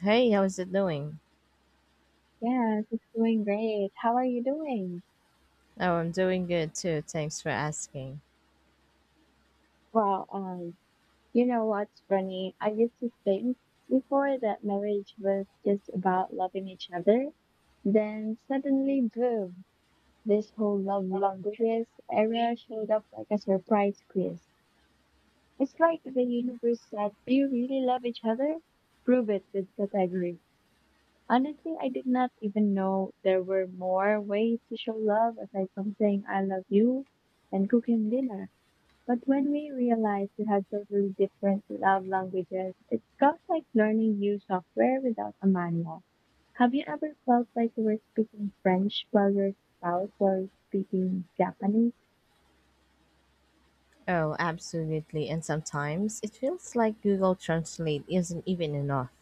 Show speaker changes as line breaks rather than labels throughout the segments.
Hey, how's it doing?
Yes, it's doing great. How are you doing?
Oh, I'm doing good too. Thanks for asking.
Well, you know what's funny? I used to think before that marriage was just about loving each other. Then suddenly, boom, this whole love languages area showed up like a surprise quiz. It's like the universe said, do you really love each other? Prove it with category. Honestly, I did not even know there were more ways to show love aside from saying I love you and cooking dinner. But when we realize we have totally different love languages, it felt like learning new software without a manual. Have you ever felt like you were speaking French while your spouse was speaking Japanese?
Oh, absolutely. And sometimes it feels like Google Translate isn't even enough.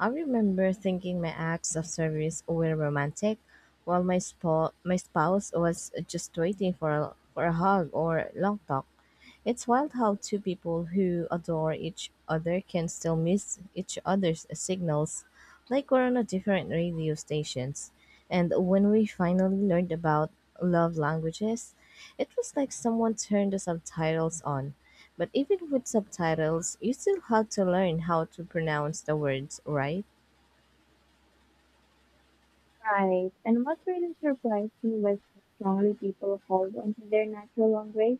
I remember thinking my acts of service were romantic, while my spouse was just waiting for a hug or long talk. It's wild how two people who adore each other can still miss each other's signals, like we're on a different radio stations. And when we finally learned about love languages, it was like someone turned the subtitles on. But even with subtitles, you still have to learn how to pronounce the words, right?
Right. And what really surprised me was how strongly people hold onto their natural language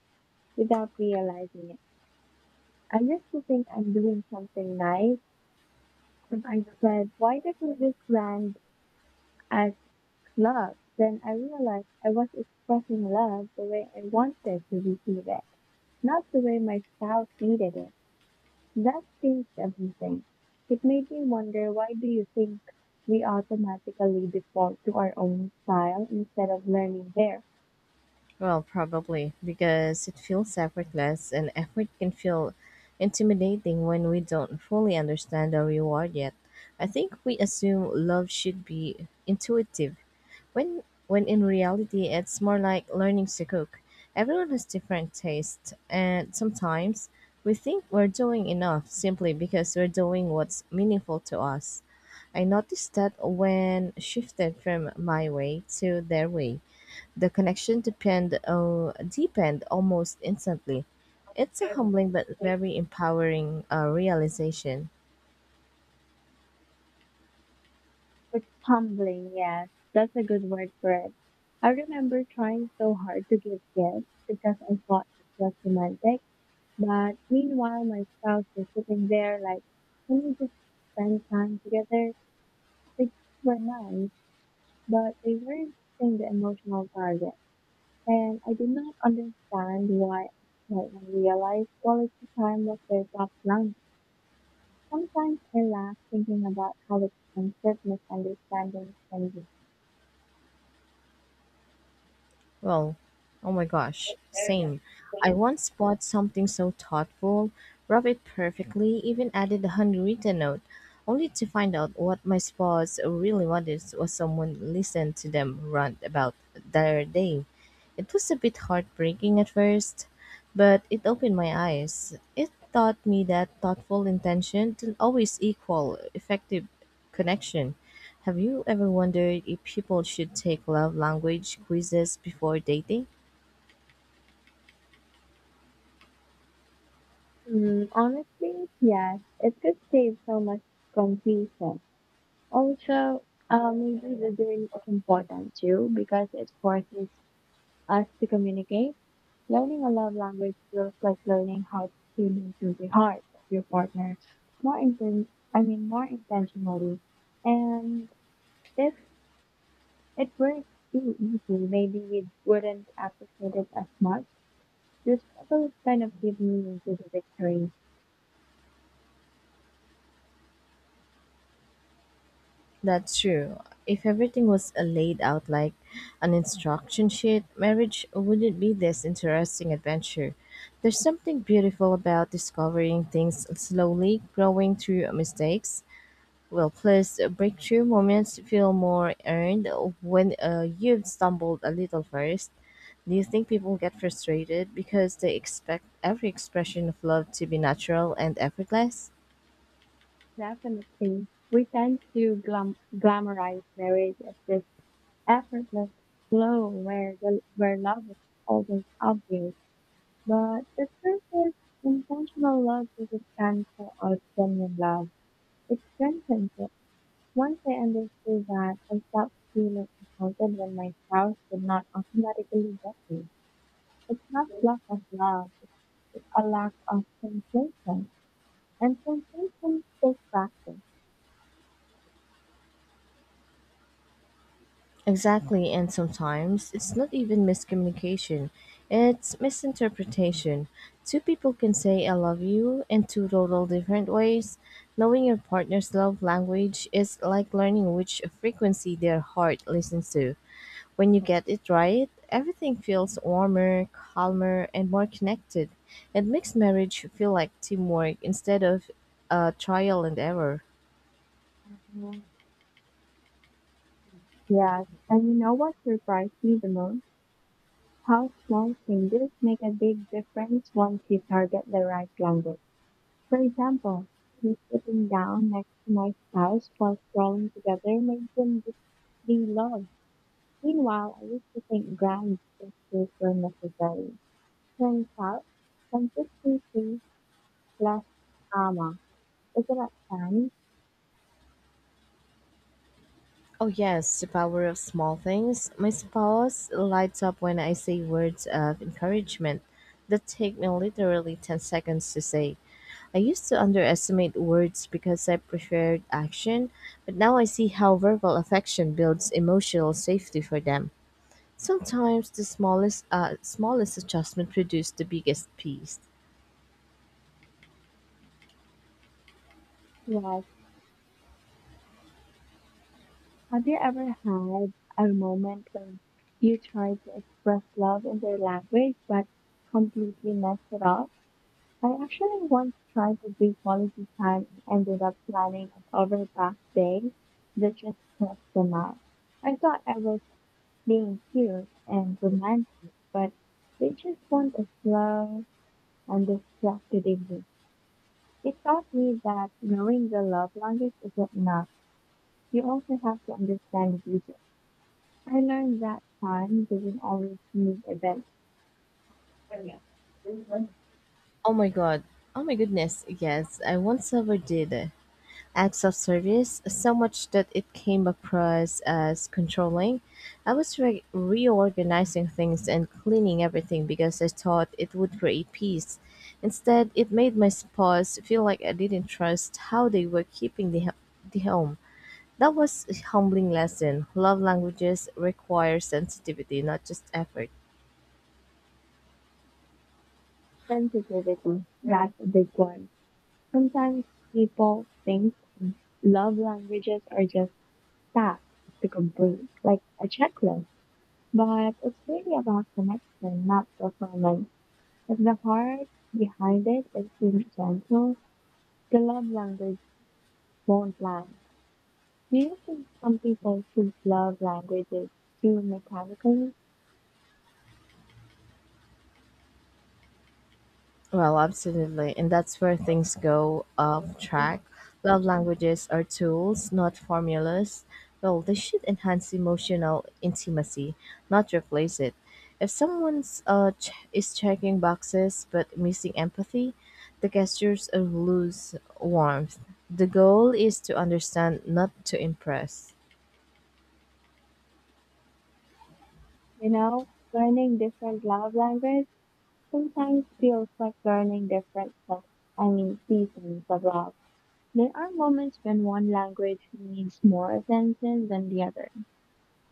without realizing it. I used to think I'm doing something nice, but I said, why doesn't this land as love? Then I realized I was expressing love the way I wanted to receive it, not the way my spouse needed it. That changed everything. It made me wonder, why do you think we automatically default to our own style instead of learning theirs?
Well, probably, because it feels effortless, and effort can feel intimidating when we don't fully understand the reward yet. I think we assume love should be intuitive, when in reality it's more like learning to cook. Everyone has different tastes and sometimes we think we're doing enough simply because we're doing what's meaningful to us. I noticed that when shifted from my way to their way, the connection depend deepened almost instantly. It's a humbling but very empowering realization.
It's humbling, yes. That's a good word for it. I remember trying so hard to give gifts because I thought it was romantic. But meanwhile, my spouse was sitting there like, can we just spend time together? They were nice, but they weren't hitting the emotional target. And I did not understand why until I realized quality time was their top line. Sometimes I laugh thinking about how expensive misunderstandings can be.
Well, oh my gosh,
Area.
same. I once bought something so thoughtful, wrapped it perfectly, even added a handwritten note, only to find out what my spouse really wanted was someone listen to them rant about their day. It was a bit heartbreaking at first, but it opened my eyes. It taught me that thoughtful intention didn't always equal effective connection. Have you ever wondered if people should take love language quizzes before dating?
Mm, honestly, yes. It could save so much confusion. Also, maybe listening is important too because it forces us to communicate. Learning a love language feels like learning how to tune into the heart of your partner more inten- I mean, more intentionally. And if it were too easy, maybe we wouldn't appreciate it as much. This also kind of gives meaning to this experience.
That's true. If everything was laid out like an instruction sheet, marriage wouldn't be this interesting adventure. There's something beautiful about discovering things slowly, growing through mistakes. Well-placed breakthrough moments feel more earned when you've stumbled a little first. Do you think people get frustrated because they expect every expression of love to be natural and effortless?
Definitely, we tend to glamorize marriage as this effortless glow where the where love is always obvious, but the truth is intentional love doesn't cancel out genuine love. It strengthens it. Once I understood that, I stopped feeling insulted when my spouse did not automatically get me. It's not lack of love, it's a lack of sensation. And sensation takes practice.
Exactly, and sometimes it's not even miscommunication, it's misinterpretation. Two people can say I love you in two total different ways. Knowing your partner's love language is like learning which frequency their heart listens to. When you get it right, everything feels warmer, calmer, and more connected. It makes marriage feel like teamwork instead of a trial and error.
Yes, and you know what surprised me the most? How small changes make a big difference once you target the right language. For example, me sitting down next to my spouse while scrolling together made them de-log. Meanwhile, I used to think grand gestures were necessary. Turns out, consistency plus drama is about time.
Oh, yes, the power of small things. My spouse lights up when I say words of encouragement that take me literally 10 seconds to say. I used to underestimate words because I preferred action, but now I see how verbal affection builds emotional safety for them. Sometimes the smallest adjustment produced the biggest piece.
Yes. Have you ever had a moment when you tried to express love in their language but completely messed it up? I actually once tried to do quality time and ended up planning an overpass day that just crossed the map. I thought I was being cute and romantic, but they just want a slow and distracted evening. It taught me that knowing the love language isn't enough. You also have to understand the future. I learned that time doesn't always mean events.
Oh my god. Oh my goodness. Yes, I once overdid it. Acts of service so much that it came across as controlling. I was reorganizing things and cleaning everything because I thought it would create peace. Instead, it made my spouse feel like I didn't trust how they were keeping the home. That was a humbling lesson. Love languages require sensitivity, not just effort.
Sensitivity, that's a big one. Sometimes people think love languages are just tasks to complete, like a checklist, but it's really about connection, not performance. If the heart behind it isn't gentle, the love language won't land. Do you think some people treat love languages too mechanically?
Well, absolutely. And that's where things go off track. Love languages are tools, not formulas. Well, they should enhance emotional intimacy, not replace it. If someone's is checking boxes but missing empathy, the gestures will lose warmth. The goal is to understand, not to impress.
You know, learning different love language sometimes feels like learning I mean, seasons of love. There are moments when one language needs more attention than the other.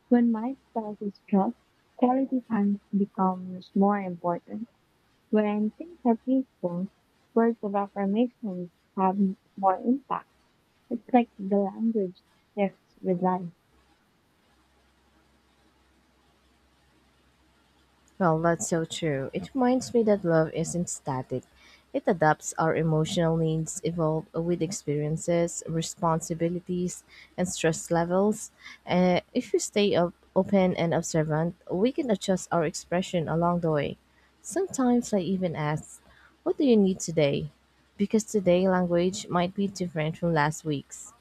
When my spouse is stressed, quality time becomes more important. When things are peaceful, words of affirmations have more impact. It's like the language shifts with life.
Well, that's so true. It reminds me that love isn't static. It adapts our emotional needs, evolve with experiences, responsibilities, and stress levels. If we stay up, open and observant, we can adjust our expression along the way. Sometimes I even ask, what do you need today? Because today language might be different from last week's.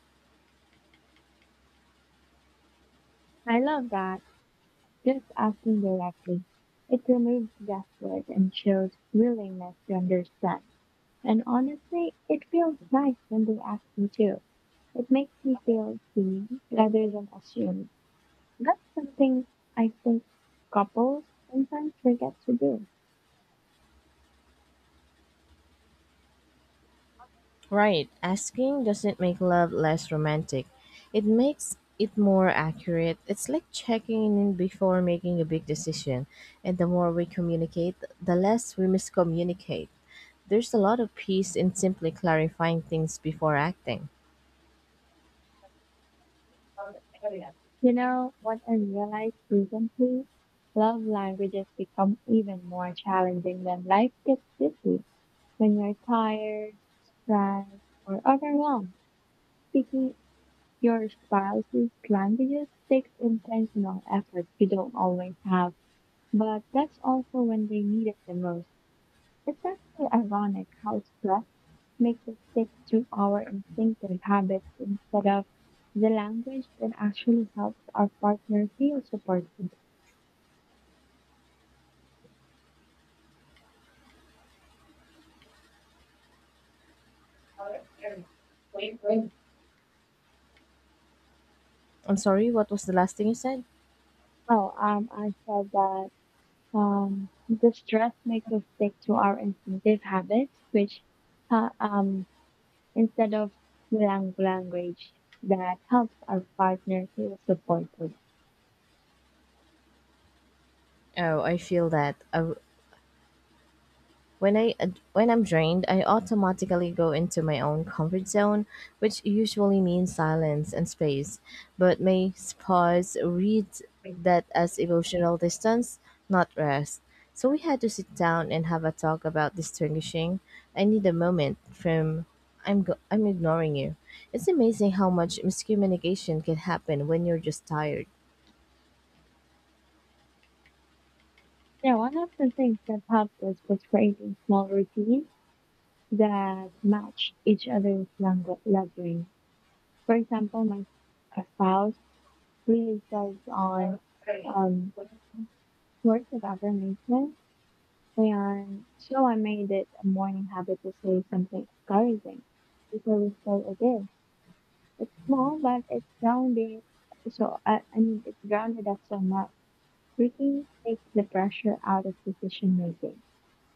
I love that, just asking directly. It removes guesswork and shows willingness to understand. And honestly, it feels nice when they ask me to. It makes me feel seen rather than assumed. That's something I think couples sometimes forget to do.
Right, asking doesn't make love less romantic. It makes it more accurate. It's like checking in before making a big decision. And the more we communicate, the less we miscommunicate. There's a lot of peace in simply clarifying things before acting.
You know what I realized recently? Love languages become even more challenging when life gets busy. When you're tired, stressed, or overwhelmed, speaking your spouse's languages takes intentional effort you don't always have, but that's also when they need it the most. It's actually ironic how stress makes us stick to our instinctive habits instead of the language that actually helps our partner feel supported.
I'm sorry, what was the last thing you said?
Well, I said that the stress makes us stick to our instinctive habits, which uh, um, instead of the language that helps our partner feel supported.
Oh, I feel that. I, When I ad- when I'm drained, I automatically go into my own comfort zone, which usually means silence and space. But my spouse reads that as emotional distance, not rest. So we had to sit down and have a talk about distinguishing I need a moment from I'm ignoring you. It's amazing how much miscommunication can happen when you're just tired.
Yeah, one of the things that helped us was creating small routines that match each other's leveling. For example, my spouse really thrives on um, words of affirmation, and so I made it a morning habit to say something encouraging before we start a day. It's small, but it's grounding. So I mean, it's grounded us so much. Routines takes the pressure out of decision making.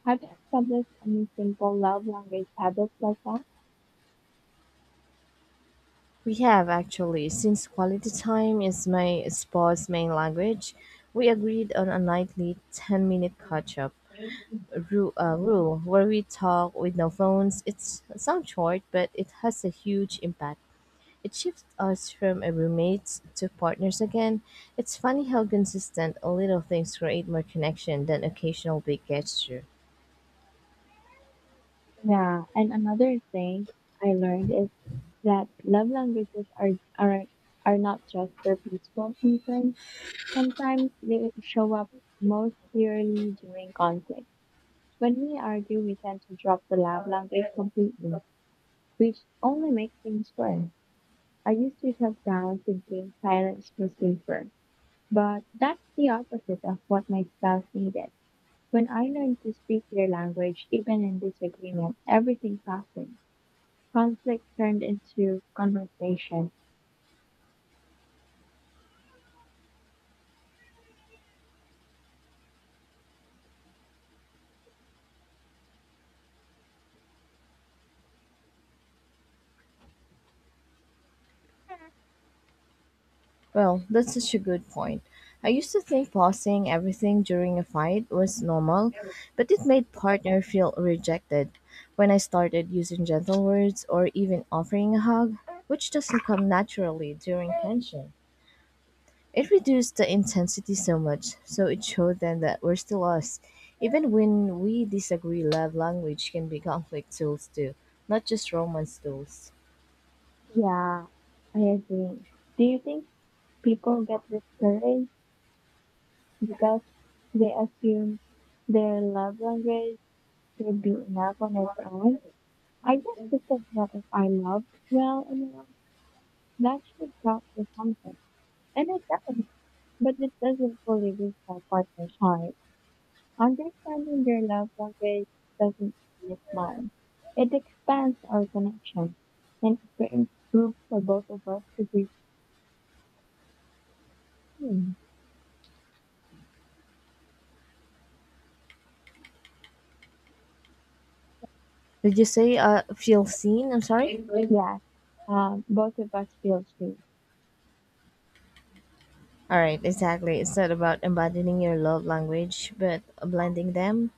Have you established any simple love language habits like that?
We have actually, since quality time is my sports main language, we agreed on a nightly 10-minute catch up rule where we talk with no phones. It's sounds short, but it has a huge impact. It shifts us from a roommates to partners again. It's funny how consistent little things create more connection than occasional big gesture.
Yeah, and another thing I learned is that love languages are are not just for peaceful reasons. Sometimes they show up most clearly during conflict. When we argue, we tend to drop the love language completely, which only makes things worse. I used to shut down thinking silence was safer, but that's the opposite of what my spouse needed. When I learned to speak their language, even in disagreement, everything softened. Conflict turned into conversation.
Well, that's such a good point. I used to think pausing everything during a fight was normal, but it made partner feel rejected when I started using gentle words or even offering a hug, which doesn't come naturally during tension. It reduced the intensity so much, so it showed them that we're still us. Even when we disagree, love language can be conflict tools too, not just romance tools.
Yeah, I agree. Do you think people get discouraged because they assume their love language should be enough on its own? I just think that if I love well enough, that should count for something. And it does, but it doesn't fully reach my partner's heart. Understanding their love language doesn't limit mine. It expands our connection and creates room for both of us to be seen.
Did you say feel seen? I'm sorry.
Yes, both of us feel seen.
All right, exactly. It's not about embodying your love language, but blending them.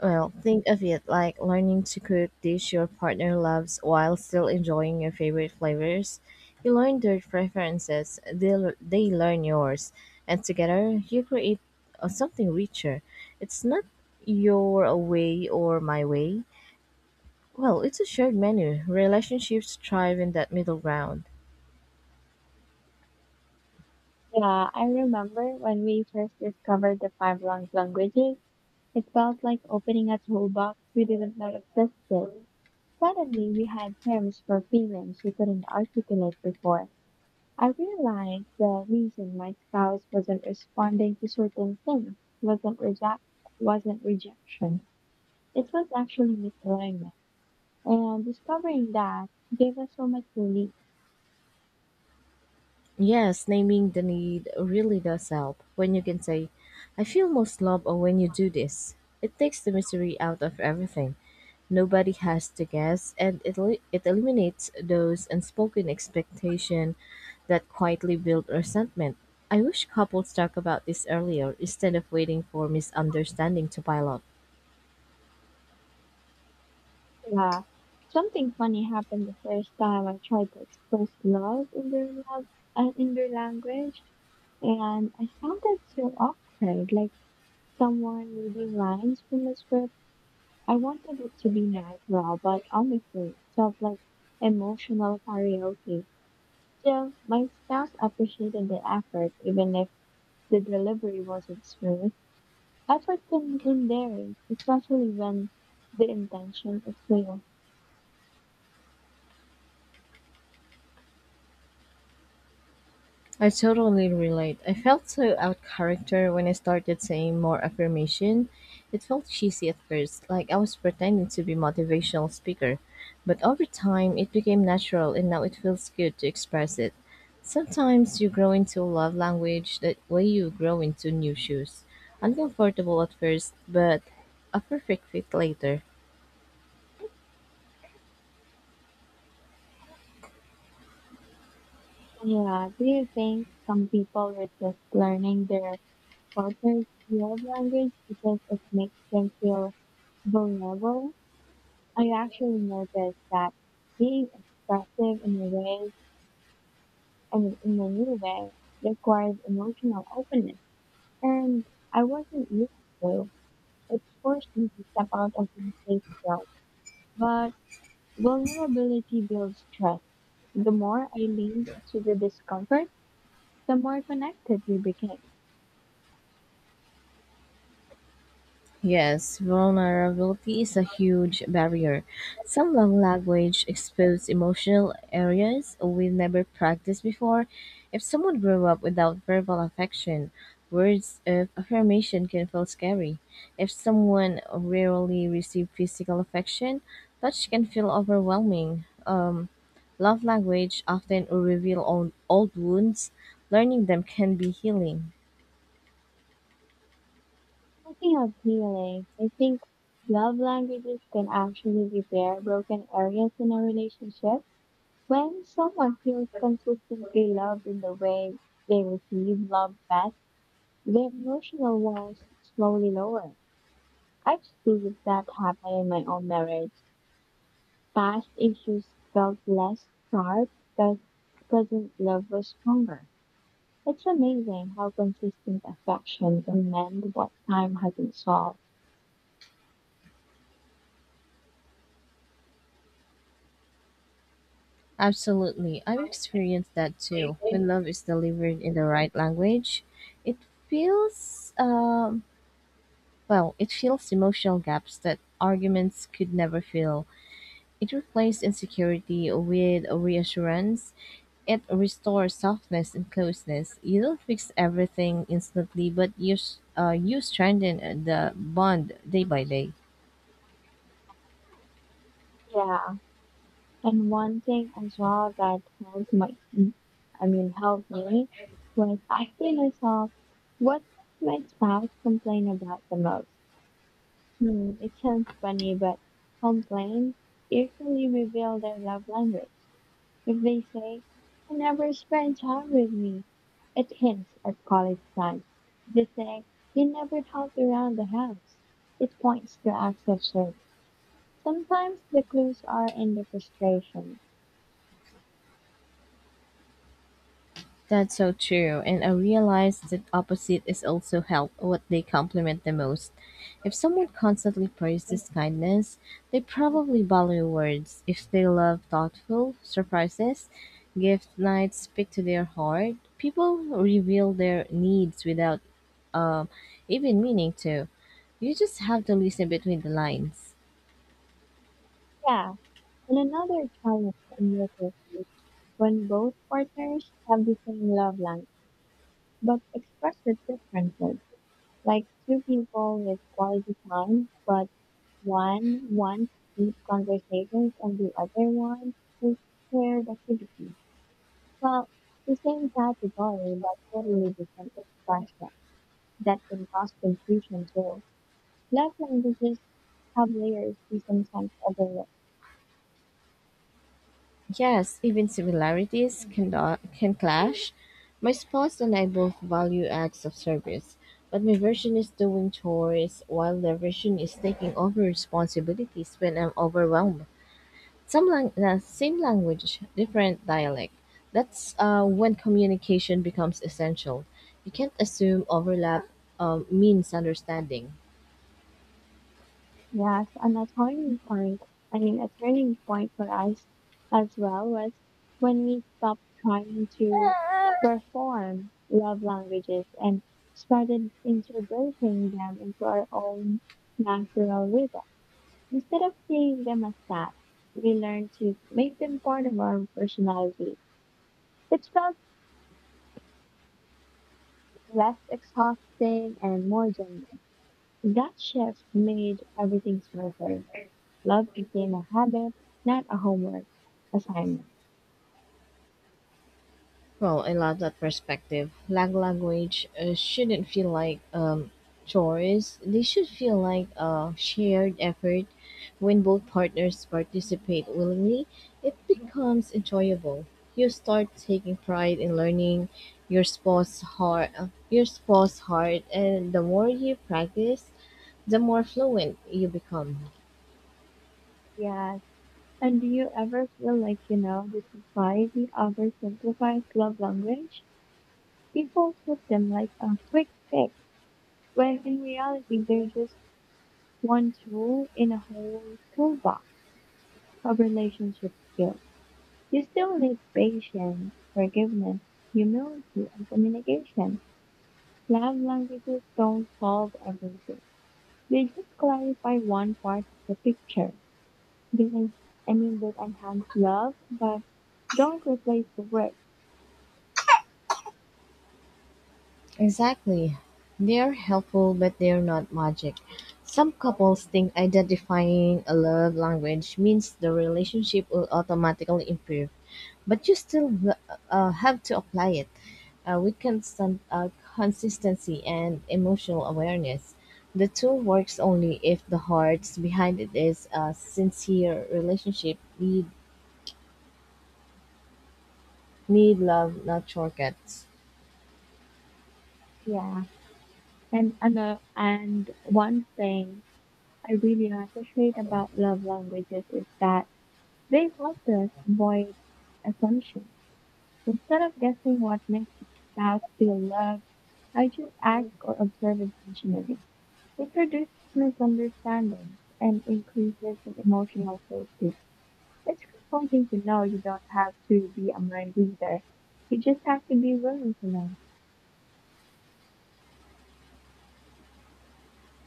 Well, think of it like learning to cook dish your partner loves while still enjoying your favorite flavors. You learn their preferences, they learn yours, and together you create something richer. It's not your way or my way. Well, it's a shared menu. Relationships thrive in that middle ground.
Yeah, I remember when we first discovered the five love languages, it felt like opening a toolbox we didn't know existed. Suddenly, we had terms for feelings we couldn't articulate before. I realized the reason my spouse wasn't responding to certain things wasn't reject wasn't rejection. It was actually misalignment. And discovering that gave us so much relief.
Yes, naming the need really does help. When you can say, I feel most loved when you do this, it takes the mystery out of everything. Nobody has to guess, and it eliminates those unspoken expectation that quietly build resentment. I wish couples talk about this earlier instead of waiting for misunderstanding to pile up.
Yeah. Something funny happened the first time I tried to express love in their language, and I sounded so awkward, like someone reading lines from a script. I wanted it to be natural, but honestly, it felt like emotional karaoke. So my spouse appreciated the effort, even if the delivery wasn't smooth. Effort can begin there, especially when the intention is clear.
I totally relate. I felt so out of character when I started saying more affirmation. It felt cheesy at first, like I was pretending to be motivational speaker. But over time, it became natural and now it feels good to express it. Sometimes you grow into a love language that way you grow into new shoes. Uncomfortable at first, but a perfect fit later.
Yeah, do you think some people resist learning their partner's love language because it makes them feel vulnerable? I actually noticed that being expressive in a way and in a new way requires emotional openness. And I wasn't used to. It forced me to step out of the safe zone. But vulnerability builds trust. The more I leaned into the discomfort, the more connected we became.
Yes, vulnerability is a huge barrier. Some love language expose emotional areas we've never practiced before. If someone grew up without verbal affection, words of affirmation can feel scary. If someone rarely received physical affection, touch can feel overwhelming. Love language often reveal old, old wounds. Learning them can be healing.
Speaking of healing, I think love languages can actually repair broken areas in a relationship. When someone feels consistently loved in the way they receive love back, the emotional walls slowly lower. I have seen that happen in my own marriage. Past issues felt less sharp because present love was stronger. It's amazing how consistent affection can mend what time hasn't solved.
Absolutely. I've experienced that too. When love is delivered in the right language, it feels um it fills emotional gaps that arguments could never fill. It replaces insecurity with reassurance. It restores softness and closeness. You don't fix everything instantly, but you strengthen the bond day by day.
Yeah, and one thing as well that I mean, helped me was asking myself, what does my spouse complain about the most? It sounds funny, but complaints usually reveal their love language. If they say, "You never spend time with me," it hints at quality time. If they say, "You never help around the house," it points to acts of service. Sometimes the clues are in the frustration.
That's so true, and I realize that opposite is also help what they compliment the most. If someone constantly
But
praises kindness, they probably value words. If they love thoughtful surprises, gift nights speak to their heart. People reveal their needs without um, even meaning to. You just have to listen between the lines.
yeah, and another challenge I noticed is when both partners have the same love language but express it differently. Like two people with quality time, but one wants deep conversations and the other wants just shared activities. Well, the same category, but totally different expression, that can cause confusion too. Love languages have layers we sometimes overlook.
Yes, even similarities can clash. My spouse and I both value acts of service, but my version is doing chores while their version is taking over responsibilities when I'm overwhelmed. Same language, different dialect. That's when communication becomes essential. You can't assume overlap means understanding.
Yes, and a I mean, a turning point for us as well was when we stopped trying to perform love languages and started integrating them into our own natural rhythm. Instead of seeing them as tasks, we learned to make them part of our personality. It felt less exhausting and more genuine. That shift made everything smoother. Love became a habit, not a homework assignment.
Well, I love that perspective. Lang language shouldn't feel like chores. They should feel like a shared effort. When both partners participate willingly, it becomes enjoyable. You start taking pride in learning your spouse's heart, and the more you practice, the more fluent you become.
Yes. And do you ever feel like, you know, the society oversimplifies love language? People treat them like a quick fix, when in reality, they're just one tool in a whole toolbox of relationship skills. You still need patience, forgiveness, humility, and communication. Love languages don't solve everything. They just clarify one part of the picture. They, I mean, they enhance love, but don't replace the work.
Exactly. They're helpful, but they're not magic. Some couples think identifying a love language means the relationship will automatically improve, but you still have to apply it with constant consistency and emotional awareness. The tool works only if the hearts behind it is a sincere relationship. Need love, not shortcuts.
Yeah. And one thing I really appreciate about love languages is that they help us avoid assumptions. Instead of guessing what makes a spouse feel loved, I just ask or observe intentionally. It reduces misunderstandings and increases the emotional safety. It's comforting to know you don't have to be a mind reader. You just have to be willing to learn,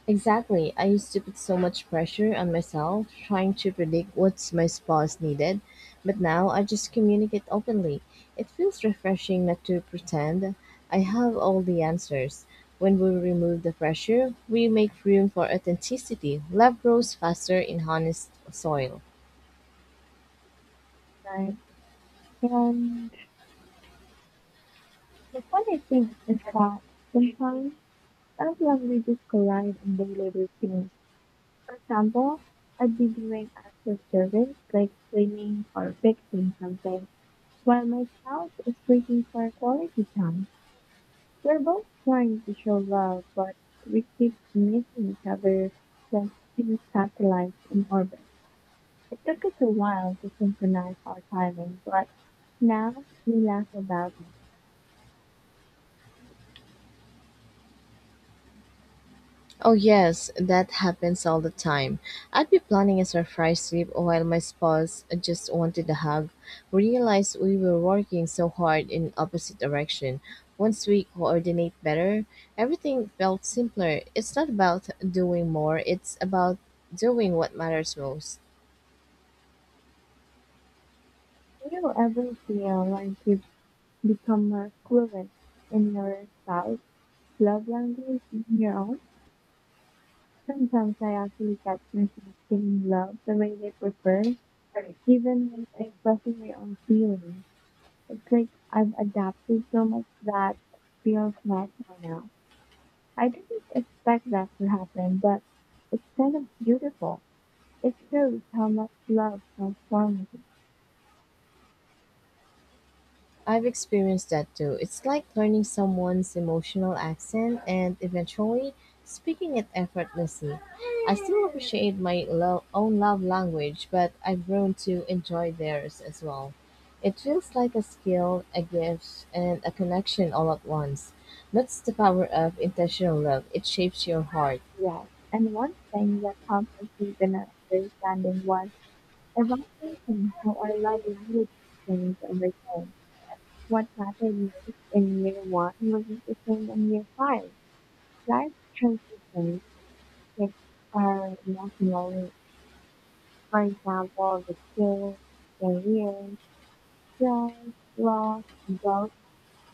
Exactly. I used to put so much pressure on myself trying to predict what my spouse needed, but now I just communicate openly. It feels refreshing not to pretend I have all the answers. When we remove the pressure, we make room for authenticity. Love grows faster in honest soil.
right? And the funny thing is that sometimes as languages collide in daily routines. For example, I'd be doing active service like cleaning or fixing something while my spouse is waiting for quality time. We're both trying to show love, but we keep missing each other like two satellites in orbit. It took us a while to synchronize our timings, but now we laugh about it.
Oh, yes, that happens all the time. I'd be planning a surprise trip while my spouse just wanted a hug. Realized we were working so hard in opposite direction. Once we coordinate better, everything felt simpler. It's not about doing more, it's about doing what matters most.
Do you ever feel like you've become more fluent in your spouse's love language than your own? Sometimes I actually catch myself giving love the way they prefer, even when expressing my own feelings. It's like I've adapted so much that it feels natural now. I didn't expect that to happen, but it's kind of beautiful. It shows how much love transforms
I've experienced that too. It's like learning someone's emotional accent and eventually speaking it effortlessly. I still appreciate my own love language, but I've grown to enjoy theirs as well. It feels like a skill, a gift, and a connection all at once. That's the power of intentional love. It shapes your heart.
us. And one thing that helped us deepen our understanding was evaluating how our love language changed over time. What mattered most in year one wasn't the same in year five. Life transitions shape our emotional needs. For example, the kids, career, stress, loss, growth,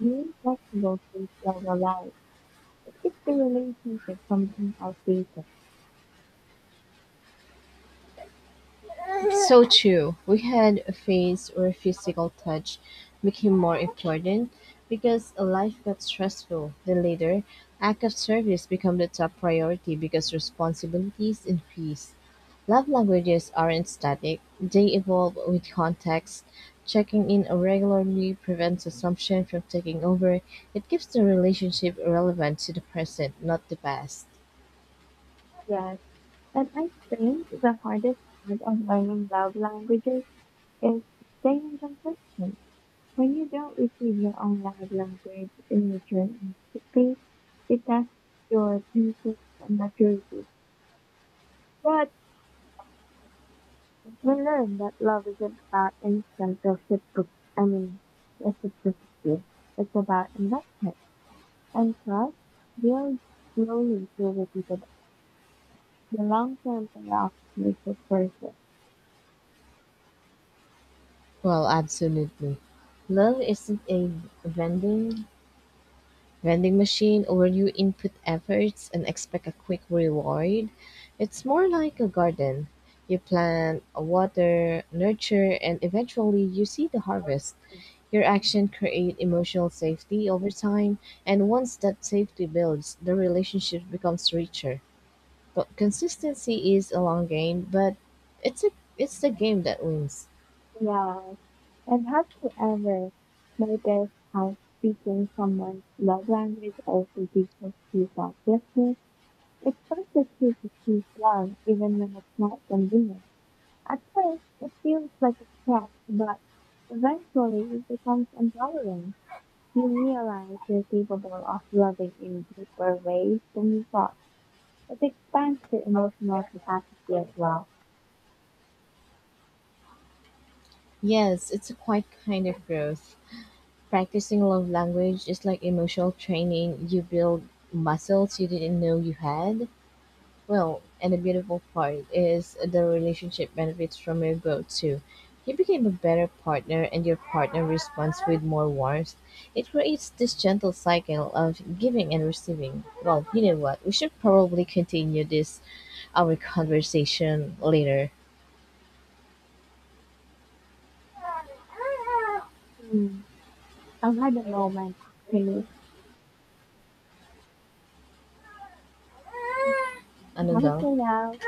being flexible to love life. It keeps the relationship from being outdated.
So true. We had a face or a physical touch became more important because life got stressful. Then later, act of service became the top priority because responsibilities increased. Love languages aren't static, they evolve with context. Checking in regularly prevents assumption from taking over. It keeps the relationship relevant to the present, not the past.
Yes, and I think the hardest part of learning love languages is staying consistent. When you don't receive your own love language in return empathy, it tests your patience and maturity. But we learn that love isn't about instant I mean, reciprocity. It's about investment, and trust builds slowly through repeated. The long-term payoff makes it worth it.
Well, absolutely. Love isn't a vending vending machine where you input efforts and expect a quick reward. It's more like a garden. You plant, water, nurture, and eventually you see the harvest. Your action create emotional safety over time, and once that safety builds, the relationship becomes richer. But consistency is a long game, but it's a it's the game that wins.
Yeah, and have you ever noticed how speaking someone's love language also teaches you about business? It forces you to speak love even when it's not convenient. At first, it feels like a threat, but eventually it becomes empowering. You realize you're capable of loving in deeper ways than you thought. It expands your emotional capacity as well.
Yes, it's a quite kind of growth. Practicing love language is like emotional training. You build muscles you didn't know you had. Well, and the beautiful part is the relationship benefits from your growth too. You became a better partner and your partner responds with more warmth. It creates this gentle cycle of giving and receiving. Well, you know what? We should probably continue this our conversation later.
Hmm. I've had a moment actually.
Ano
How is it
daw?
now?